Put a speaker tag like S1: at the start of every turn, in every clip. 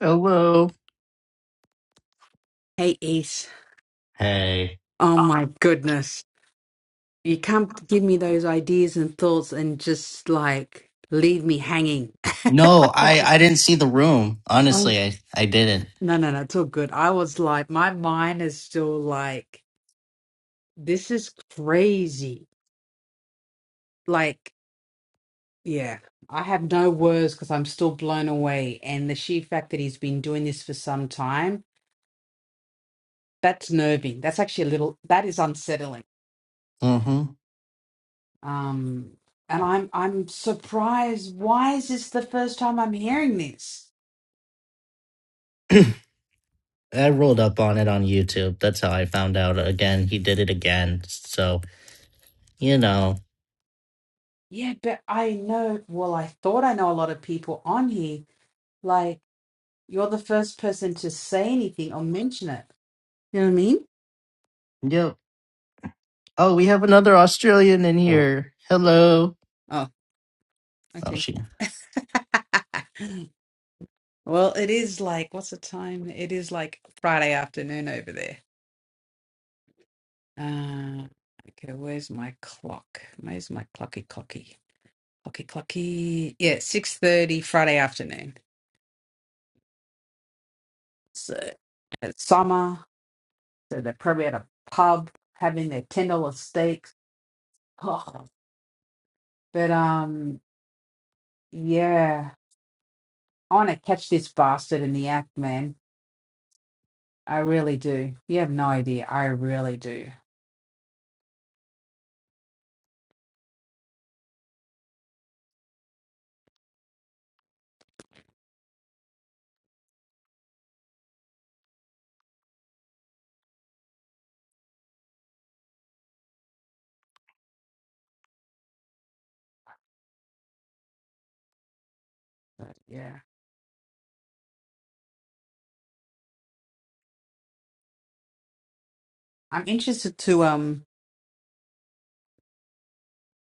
S1: Hello.
S2: Hey, Ace.
S1: Hey.
S2: Oh my goodness. You can't give me those ideas and thoughts and just like leave me hanging. I
S1: No, I I didn't see the room.
S2: was-
S1: Honestly, I I didn't.
S2: no, no, no, it's all good. I was like, my mind is still like, this is crazy. Like, yeah, I have no words because I'm still blown away. And the sheer fact that he's been doing this for some time, that's nerving. That's actually a little, that is unsettling
S1: hmm
S2: Um, and I'm I'm surprised. Why is this the first time I'm hearing this?
S1: I rolled up on it on YouTube. That's how I found out. Again, he did it again. So you know.
S2: Yeah, but I know. Well, I thought I know a lot of people on here. Like you're the first person to say anything or mention it. You know what I mean?
S1: Yep. Oh, we have another Australian in
S2: Mm.
S1: here. Hello.
S2: Oh,
S1: Oh,
S2: okay.
S1: she.
S2: Well, it is like what's the time? It is like Friday afternoon over there. Uh, okay, where's my clock? Where's my clocky clocky? Clocky clocky. Yeah, 6:30 Friday afternoon. So at summer. So they're probably at a pub having their Kindle steaks. Oh, but um, yeah, I want to catch this bastard in the act, man. I really do. You have no idea. I really do. But, yeah, I'm interested to um.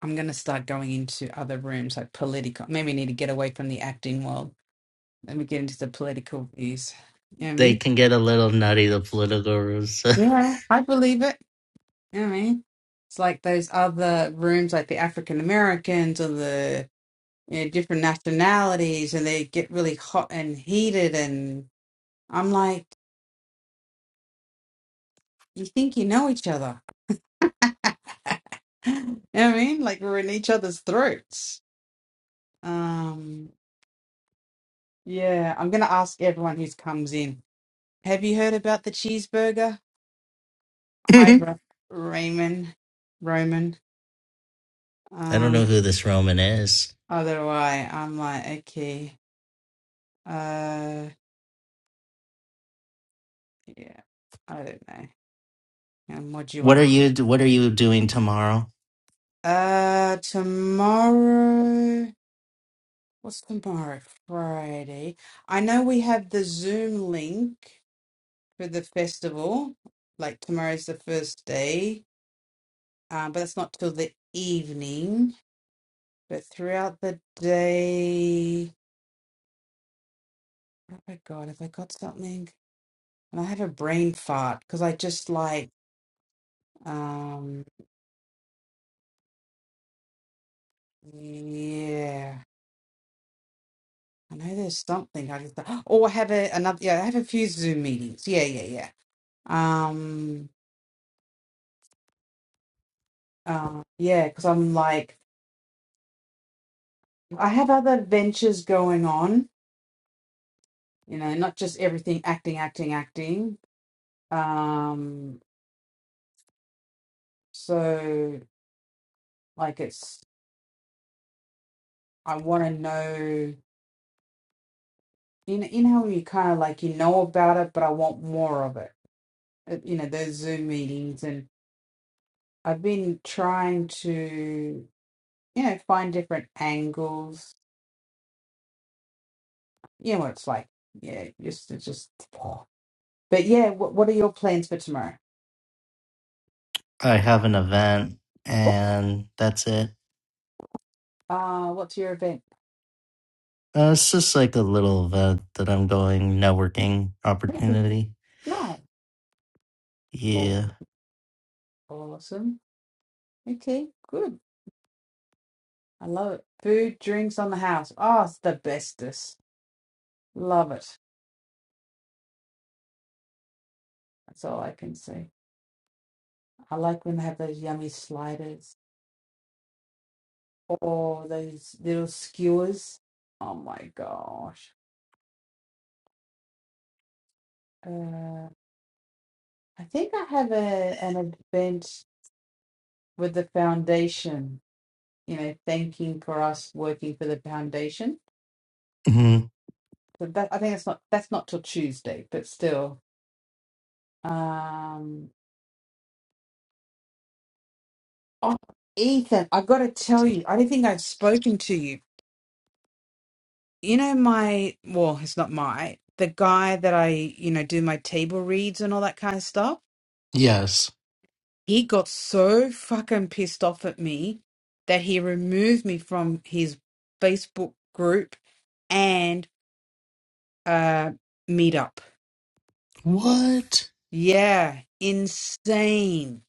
S2: I'm gonna start going into other rooms like political. Maybe need to get away from the acting world. Let me get into the political views. You know what I
S1: They
S2: mean?
S1: can get a little nutty. The political rooms.
S2: Yeah, I believe it. You know what I mean? It's like those other rooms, like the African Americans or the you know, different nationalities, and they get really hot and heated. And I'm like, you think you know each other? You know what I mean? Like we're in each other's throats. Um, yeah, I'm gonna ask everyone who comes in. Have you heard about the cheeseburger? Hi,
S1: I
S2: Ra- Raymond, Roman.
S1: don't know
S2: Um,
S1: who this Roman is.
S2: otherwise, I'm like, okay, uh, yeah, I don't know. And what do you
S1: What are
S2: want?
S1: you What are you doing tomorrow?
S2: Uh, tomorrow. What's tomorrow? Friday. I know we have the Zoom link for the festival. Like tomorrow's the first day, um, but it's not till the evening. But throughout the day, oh my God, have I got something? And I have a brain fart because I just like, um, yeah. I know there's something I just oh I have a another yeah I have a few Zoom meetings yeah yeah yeah Um, uh, yeah, because I'm like, I have other ventures going on, you know, not just everything acting, acting, acting. Um, so like it's, I want to know, you know, you how you kind of like, you know about it, but I want more of it. Uh, You know, those Zoom meetings, and I've been trying to, you know, find different angles. You know what it's like. Yeah, just, it's just. But yeah, what, what are your plans for tomorrow?
S1: I have an event, and that's it.
S2: Ah, what's your event?
S1: Uh, it's just like a little event that I'm going networking opportunity.
S2: No. Oh,
S1: Yeah.
S2: awesome. Okay, good. I love it. Food, drinks on the house. Oh, it's the bestest. Love it. That's all I can say. I like when they have those yummy sliders or those little skewers. Oh my gosh. Uh, I think I have a an event with the foundation, you know, thanking for us working for the foundation.
S1: hmm
S2: So that I think that's not that's not till Tuesday, but still. Um Oh, Ethan, I've got to tell you, I don't think I've spoken to you. You know, my, well, it's not my, the guy that I, you know, do my table reads and all that kind of stuff.
S1: Yes.
S2: He got so fucking pissed off at me that he removed me from his Facebook group and uh meetup.
S1: What?
S2: Yeah, insane.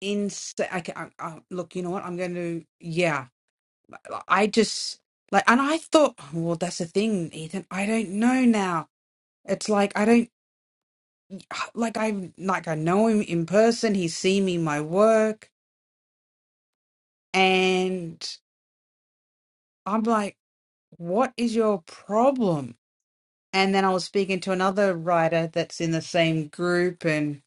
S2: Insane. I, can- I, I, look, you know what? I'm going to, yeah. I just like, and I thought, "Oh, well, that's the thing, Ethan. I don't know now. It's like I don't like I like I know him in person. He's seen me in my work, and I'm like, what is your problem? And then I was speaking to another writer that's in the same group, and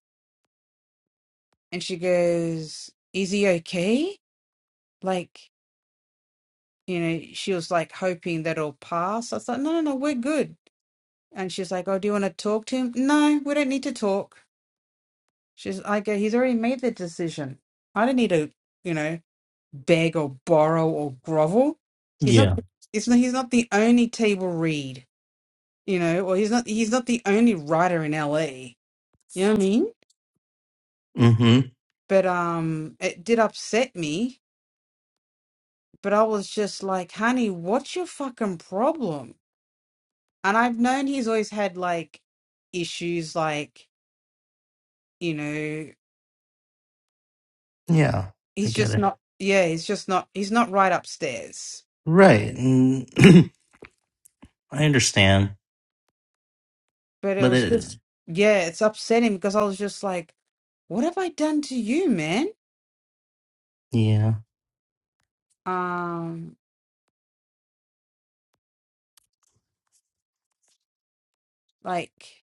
S2: and she goes, "Is he okay?" Like you know, she was like hoping that it'll pass. I was like, "No, no, no, we're good." And she's like, "Oh, do you want to talk to him?" No, we don't need to talk She's like, uh, he's already made the decision. I don't need to, you know, beg or borrow or grovel. He's not.
S1: Yeah.
S2: It's not. He's not the only table read, you know, or he's not. He's not the only writer in LA. You know what I mean?
S1: hmm
S2: But um, it did upset me. But I was just like, honey, what's your fucking problem? And I've known he's always had like issues, like you know,
S1: Yeah. I
S2: he's
S1: get
S2: just
S1: it.
S2: not. Yeah, he's just not. He's not right upstairs
S1: Right. And I understand.
S2: But it
S1: But
S2: was
S1: it.
S2: just, yeah, it's upsetting because I was just like, what have I done to you, man?
S1: Yeah.
S2: Um, like,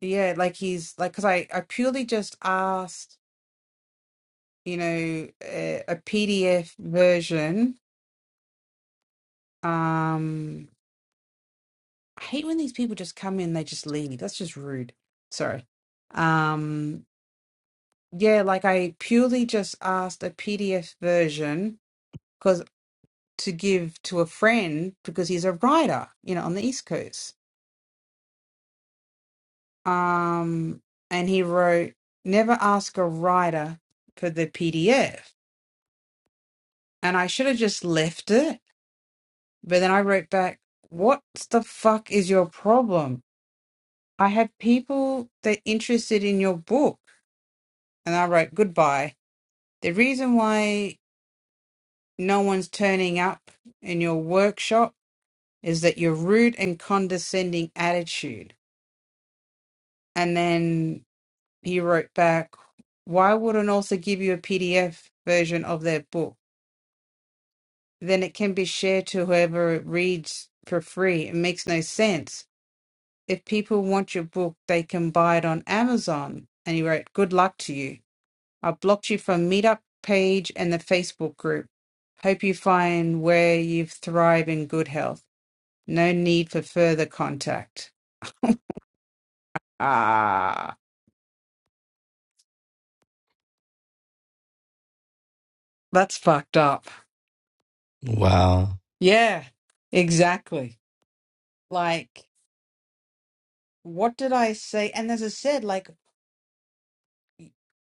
S2: yeah, like he's like, because I, I purely just asked, you know, a, PDF version. Um, I hate when these people just come in, they just leave. That's just rude. Sorry. Um, yeah, like I purely just asked a PDF version because to give to a friend because he's a writer, you know, on the East Coast. um, and he wrote, "Never ask a writer for the PDF." And I should have just left it, but then I wrote back, "What the fuck is your problem? I had people that interested in your book." And I wrote, "Goodbye." The reason why no one's turning up in your workshop is that your rude and condescending attitude. And then he wrote back, "Why would an author give you a PDF version of their book?" then it can be shared to whoever it reads for free. It makes no sense. If people want your book, they can buy it on Amazon. And he wrote, Good luck to you. I blocked you from Meetup page and the Facebook group. Hope you find where you thrive in good health. No need for further contact. Ah, that's fucked up.
S1: Wow.
S2: Yeah, exactly. Like, what did I say? And as I said, like,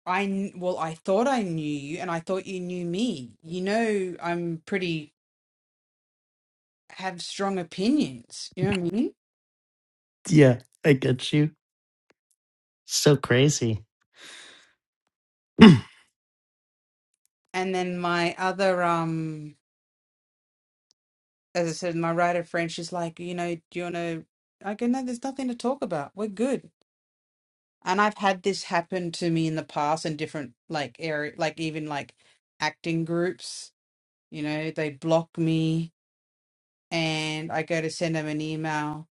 S2: I kn- well, I thought I knew you, and I thought you knew me. You know, I'm pretty have strong opinions. You know what I mean?
S1: Yeah. I get you. So crazy.
S2: And then my other um, as I said, my writer friend, she's like, you know, do you want to? I go, no, there's nothing to talk about. We're good. And I've had this happen to me in the past in different like area, like even like acting groups. You know, they block me and I go to send them an email.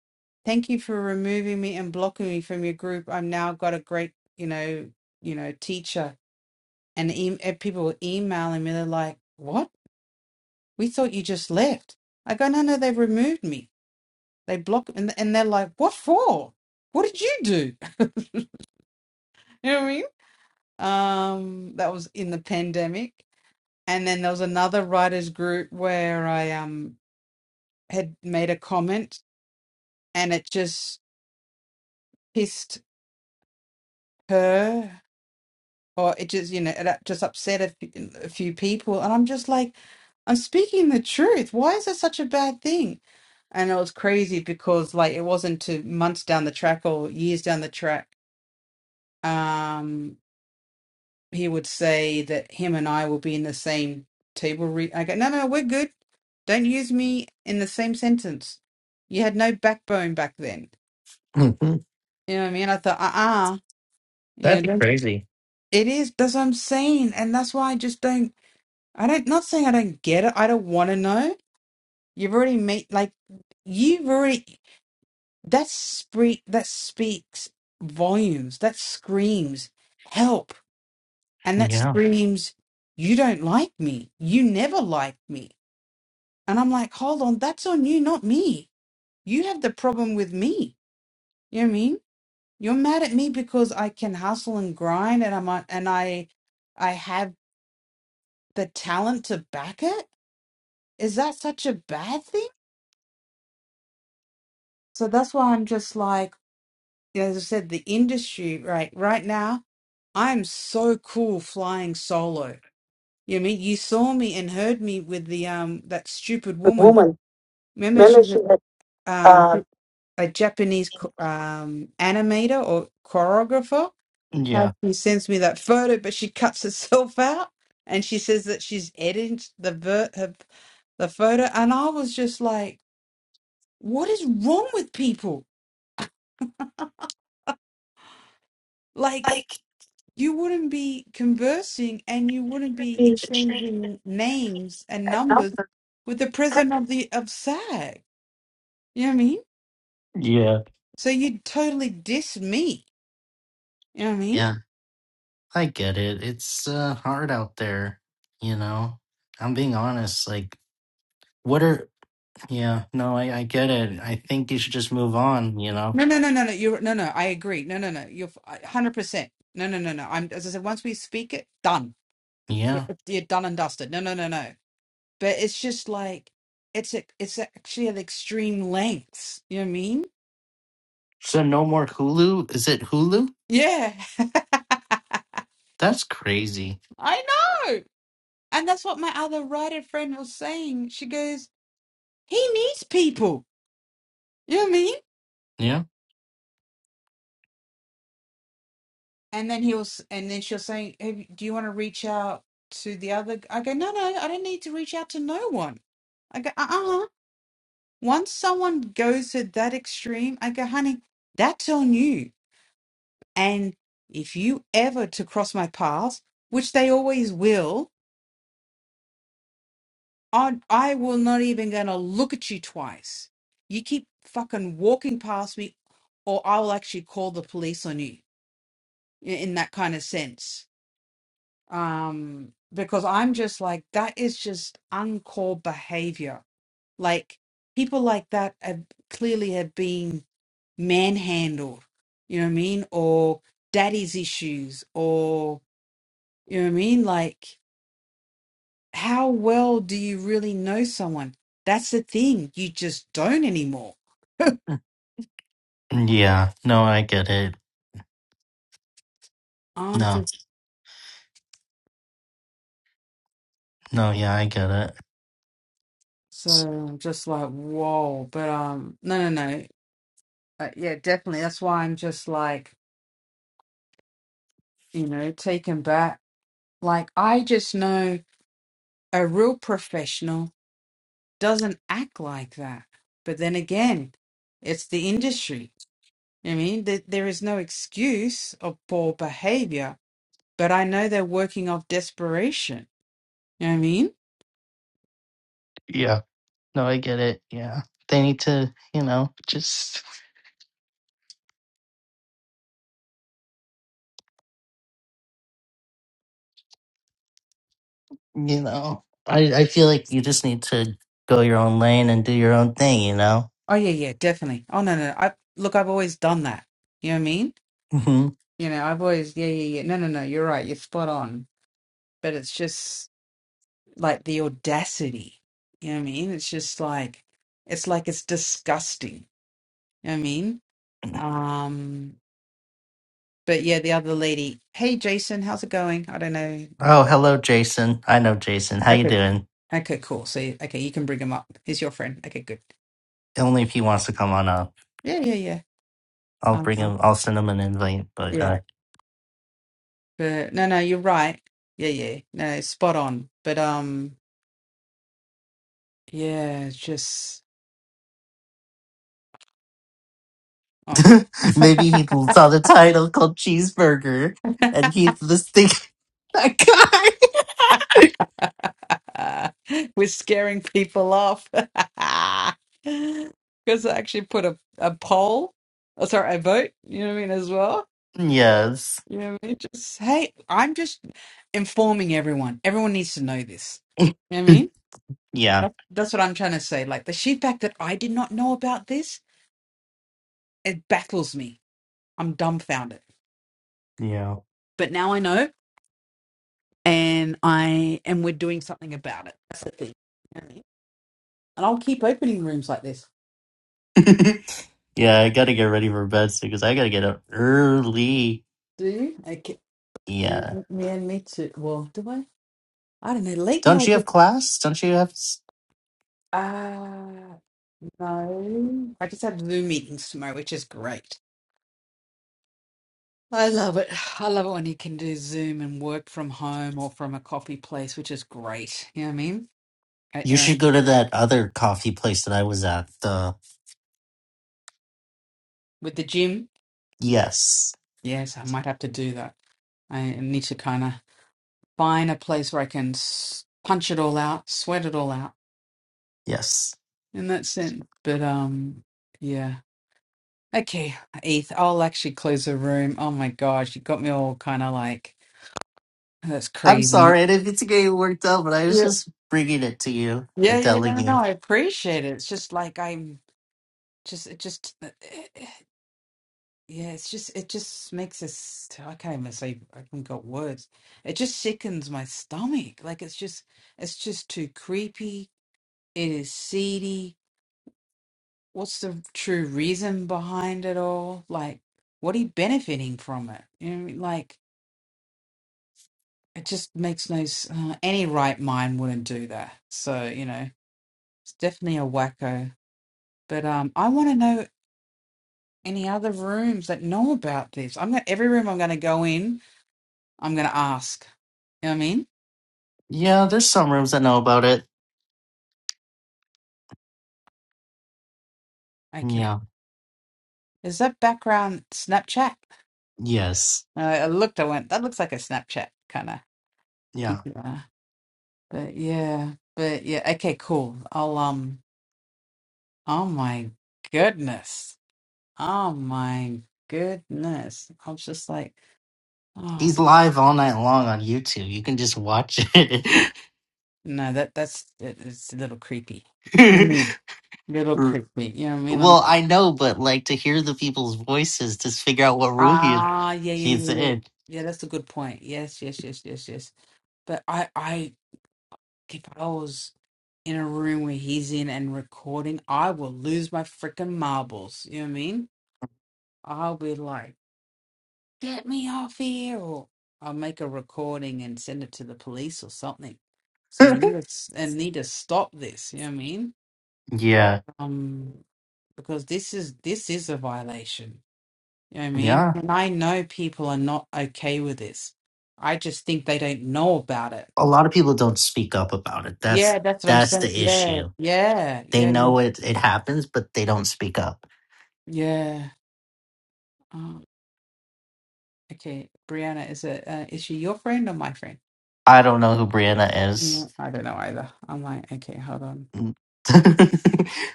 S2: Thank you for removing me and blocking me from your group. I've now got a great, you know, you know, teacher. And, e- and people were emailing me. They're like, "What? We thought you just left." I go, "No, no, they removed me. They blocked." And, and they're like, "What for? What did you do?" you know what I mean? Um, that was in the pandemic. And then there was another writers group where I um had made a comment, and it just pissed her or it just you know that just upset a, few- few people and i'm just like i'm speaking the truth why is that such a bad thing and it was crazy because like it wasn't to months down the track or years down the track um he would say that him and i will be in the same table re- i go no no we're good don't use me in the same sentence you had no backbone back then
S1: hmm
S2: you know what i mean i thought uh-uh you know
S1: That's
S2: don't
S1: crazy.
S2: it is that's what i'm saying and that's why i just don't I don't not saying I don't get it. I don't want to know. You've already made like you've already that speak that speaks volumes. That screams help, and that
S1: Yeah.
S2: screams you don't like me. You never liked me. And I'm like, hold on, that's on you, not me. You have the problem with me. You know what I mean? You're mad at me because I can hustle and grind, and I'm a- and I I have the talent to back it. Is that such a bad thing? So that's why I'm just like, as I said, the industry right right now, I'm so cool flying solo. You know what I mean? You saw me and heard me with the um that stupid
S1: A
S2: woman.
S1: woman.
S2: Remember she
S1: maybe she
S2: was
S1: had
S2: um
S1: uh
S2: a Japanese cho- um animator or choreographer? How
S1: Yeah.
S2: she sends me that photo, but she cuts herself out and she says that she's editing the ver- her, the photo, and I was just like, what is wrong with people? Like.
S1: like
S2: you wouldn't be conversing and you wouldn't
S1: could
S2: be
S1: be the change
S2: exchanging names and
S1: the
S2: numbers
S1: number.
S2: with the president of the of SAG. You know what I mean?
S1: Yeah.
S2: So you totally diss me. You know what I mean?
S1: Yeah. I get it. It's uh, hard out there, you know. I'm being honest. Like, what are? Yeah, no, I, I get it. I think you should just move on, you know.
S2: No, no, no, no, no. You're no, no. I agree. No, no, no. You're hundred percent. No, no, no, no. I'm as I said. Once we speak it, done. You're
S1: Yeah.
S2: you're done and dusted. No, no, no, no. But it's just like it's a, it's actually at extreme lengths. You know what I mean?
S1: So no more Hulu. Is it Hulu?
S2: Yeah,
S1: That's crazy.
S2: I know. And that's what my other writer friend was saying. She goes, "He needs people." You know what I mean?
S1: Yeah.
S2: And then he'll, s- and then she'll say, hey, "Do you want to reach out to the other?" g-" I go, "No, no, I don't need to reach out to no one." I go, "Uh, uh." Once someone goes to that extreme, I go, "Honey, that's on you." And if you ever to cross my path, which they always will, I I will not even gonna look at you twice. You keep fucking walking past me, or I will actually call the police on you i- in that kind of sense. Um, because I'm just like that is just uncalled behavior. Like people like that have clearly have been manhandled. You know what I mean? Or daddy's issues, or you know what I mean? Like how well do you really know someone? That's the thing. You just don't anymore.
S1: Mm, Yeah. No, I get it.
S2: I'm
S1: No.
S2: just
S1: No. Yeah, I get it.
S2: so
S1: S-
S2: I'm just like whoa, but um, no, no, no. Uh, yeah, definitely. That's why I'm just like you know taken back. Like I just know a real professional doesn't act like that. But then again, it's the industry. I mean, th- there is no excuse of poor behavior. But I know they're working off desperation. You know what I mean?
S1: Yeah. No, I get it. Yeah. They need to, you know, just, you know. I I feel like you just need to go your own lane and do your own thing, you know.
S2: Oh yeah, yeah, definitely. Oh no, no, no. I look, I've always done that. You know what I mean? You know, I've always yeah, yeah, yeah. No, no, no. You're right. You're spot on. But it's just like the audacity. You know what I mean? It's just like it's like it's disgusting. You know what I mean? Um, but yeah, the other lady. Hey, Jason, how's it going? I don't know.
S1: Oh, hello, Jason. I know Jason. How you
S2: Okay.
S1: doing?
S2: Okay, cool. So okay, you can bring him up. He's your friend. Okay, good.
S1: Only if he wants to come on up.
S2: Yeah, yeah, yeah.
S1: I'll bring
S2: Um,
S1: him. I'll send him an invite. But
S2: yeah.
S1: uh,
S2: But no, no, you're right. Yeah, yeah. No, spot on. But um. Yeah, it's just oh.
S1: maybe he saw the title called Cheeseburger, and he's the thing. That guy.
S2: we're scaring people off. Because I actually put a, a poll, oh, sorry, a vote, you know what I mean, as well.
S1: yes.
S2: You know what I mean? Just, hey, I'm just informing everyone. Everyone needs to know this. You know what I mean?
S1: Yeah.
S2: That- That's what I'm trying to say. Like the sheer fact that I did not know about this, it baffles me. I'm dumbfounded.
S1: Yeah.
S2: But now I know, and I and we're doing something about it. That's the thing. You know what I mean? And I'll keep opening rooms like this.
S1: yeah. I gotta get ready for bed soon because I gotta get up early.
S2: Do you? Okay. And
S1: Yeah.
S2: me and me too. Well, do I? I don't know. Lately, I
S1: Don't
S2: was
S1: you have
S2: just,
S1: class? Don't you have? s-
S2: ah, no. I just have Zoom meetings tomorrow, which is great. I love it. I love it when you can do Zoom and work from home or from a coffee place, which is great. You know what I mean? At
S1: You
S2: your
S1: should
S2: own,
S1: go to that other coffee place that I was at. The
S2: with the gym,
S1: yes.
S2: yes, I might have to do that. I need to kind of find a place where I can s- punch it all out, sweat it all out
S1: Yes.
S2: in that sense. But um, yeah. Okay, ETH, I'll actually close the room. Oh my gosh, you got me all kind of like, that's
S1: I'm
S2: crazy.
S1: sorry, I didn't get to get you worked up, but I was
S2: Yeah,
S1: just bringing it to you
S2: yeah,
S1: and
S2: yeah, no,
S1: telling
S2: no, no,
S1: you.
S2: I appreciate it. It's just like I'm just, it just, uh, eh, eh, yeah, it's just, it just makes us, I can't even say, I haven't got words. It just sickens my stomach. Like it's just, it's just too creepy. It is seedy. What's the true reason behind it all? Like, what are you benefiting from it? You know, what I mean? like, it just makes no s- uh, any right mind wouldn't do that so you know it's definitely a wacko but um i want to know any other rooms that know about this i'm gonna every room i'm gonna go in i'm gonna ask you know what i mean
S1: Yeah, there's some rooms that know about it.
S2: okay
S1: Yeah.
S2: is that background snapchat
S1: Yes.
S2: uh, i looked i went that looks like a snapchat kind of
S1: Yeah.
S2: picture but yeah but yeah okay cool i'll um oh my goodness oh my goodness i was just like oh.
S1: He's live all night long on YouTube. You can just watch it.
S2: No, that that's it, it's a little creepy. Mhm. Little
S1: R-
S2: creepy. You know what I mean? I'm
S1: well, I know, but like to hear the people's voices, just figure out what room he,
S2: ah yeah yeah
S1: he's
S2: yeah yeah
S1: in.
S2: yeah. That's a good point. Yes yes yes yes yes. But I I if I was in a room where he's in and recording, I will lose my freaking marbles. You know what I mean? I'll be like, get me off here, or I'll make a recording and send it to the police or something. So you need to s- and need to stop this. You know what I mean?
S1: yeah.
S2: Um. because this is this is a violation. You know what I mean?
S1: Yeah.
S2: And I know people are not okay with this. I just think they don't know about it.
S1: A lot of people don't speak up about it.
S2: Yeah,
S1: That's
S2: that's what I'm
S1: that's
S2: saying.
S1: the
S2: Yeah,
S1: issue.
S2: yeah,
S1: They
S2: yeah, yeah.
S1: know it it happens, but they don't speak up.
S2: yeah. Oh, okay, Brianna, is it uh, is she your friend or my friend?
S1: I don't know who Brianna is.
S2: Mm, I don't know either. I'm like, okay, hold on.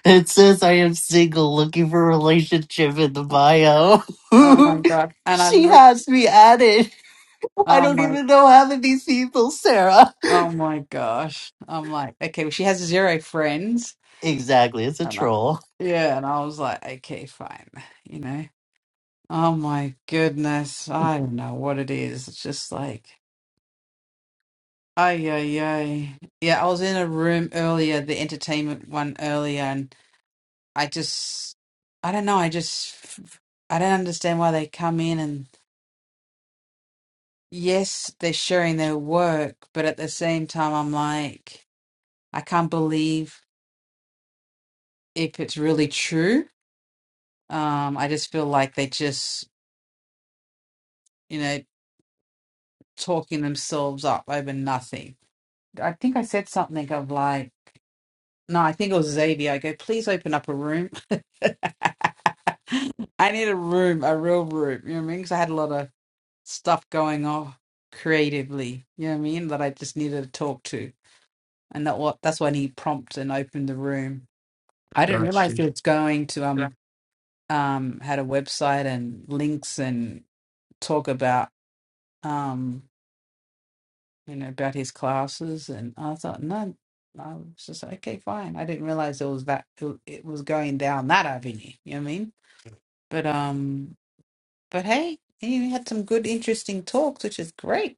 S1: it says I am single, looking for a relationship in the
S2: Oh,
S1: bio.
S2: oh my god! And I
S1: she
S2: look.
S1: has me at it. I
S2: Oh
S1: don't
S2: my.
S1: even know half of these people, Sarah.
S2: Oh my gosh. I'm like, okay, well, she has zero friends.
S1: Exactly, it's a
S2: And I,
S1: troll.
S2: yeah, and I was like, okay, fine. You know. Oh my goodness. I don't know what it is. It's just like, ay, ay, ay. Yeah, I was in a room earlier, the entertainment one earlier, and I just, I don't know. I just, I don't understand why they come in and, yes, they're sharing their work, but at the same time, I'm like, I can't believe if it's really true. Um, I just feel like they just, you know, talking themselves up over nothing. I think I said something of like, No, I think it was Xavier. I go, please open up a room. I need a room, a real room. You know what I mean? Because I had a lot of stuff going on creatively. You know what I mean? That I just needed to talk to, and that what that's when he prompted and opened the room. I didn't
S1: Got
S2: realize he
S1: you.
S2: was going to um um had a website and links and talk about um you know about his classes, and I thought no. I was just like, okay, fine. I didn't realize it was that it it was going down that avenue. You know what I mean? But um, but hey, you had some good, interesting talks, which is great.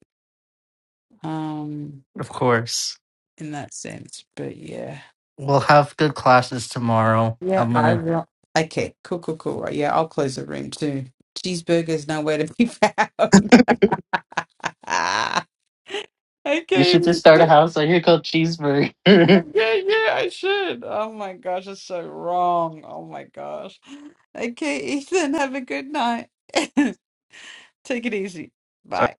S2: Um,
S1: Of course.
S2: in that sense. But yeah,
S1: We'll have good classes tomorrow.
S2: yeah,
S1: I'm
S2: I
S1: gonna.
S2: will. Okay, cool, cool, cool. Right, yeah, I'll close the room too. Cheeseburgers nowhere to be found. Ah,
S1: You should
S2: Okay,
S1: just start a
S2: so-
S1: house on here called
S2: yeah,
S1: Cheeseburger.
S2: yeah, yeah, I should. Oh my gosh, that's so wrong. Oh my gosh. Okay, Ethan, have a good night. Take it easy. Bye.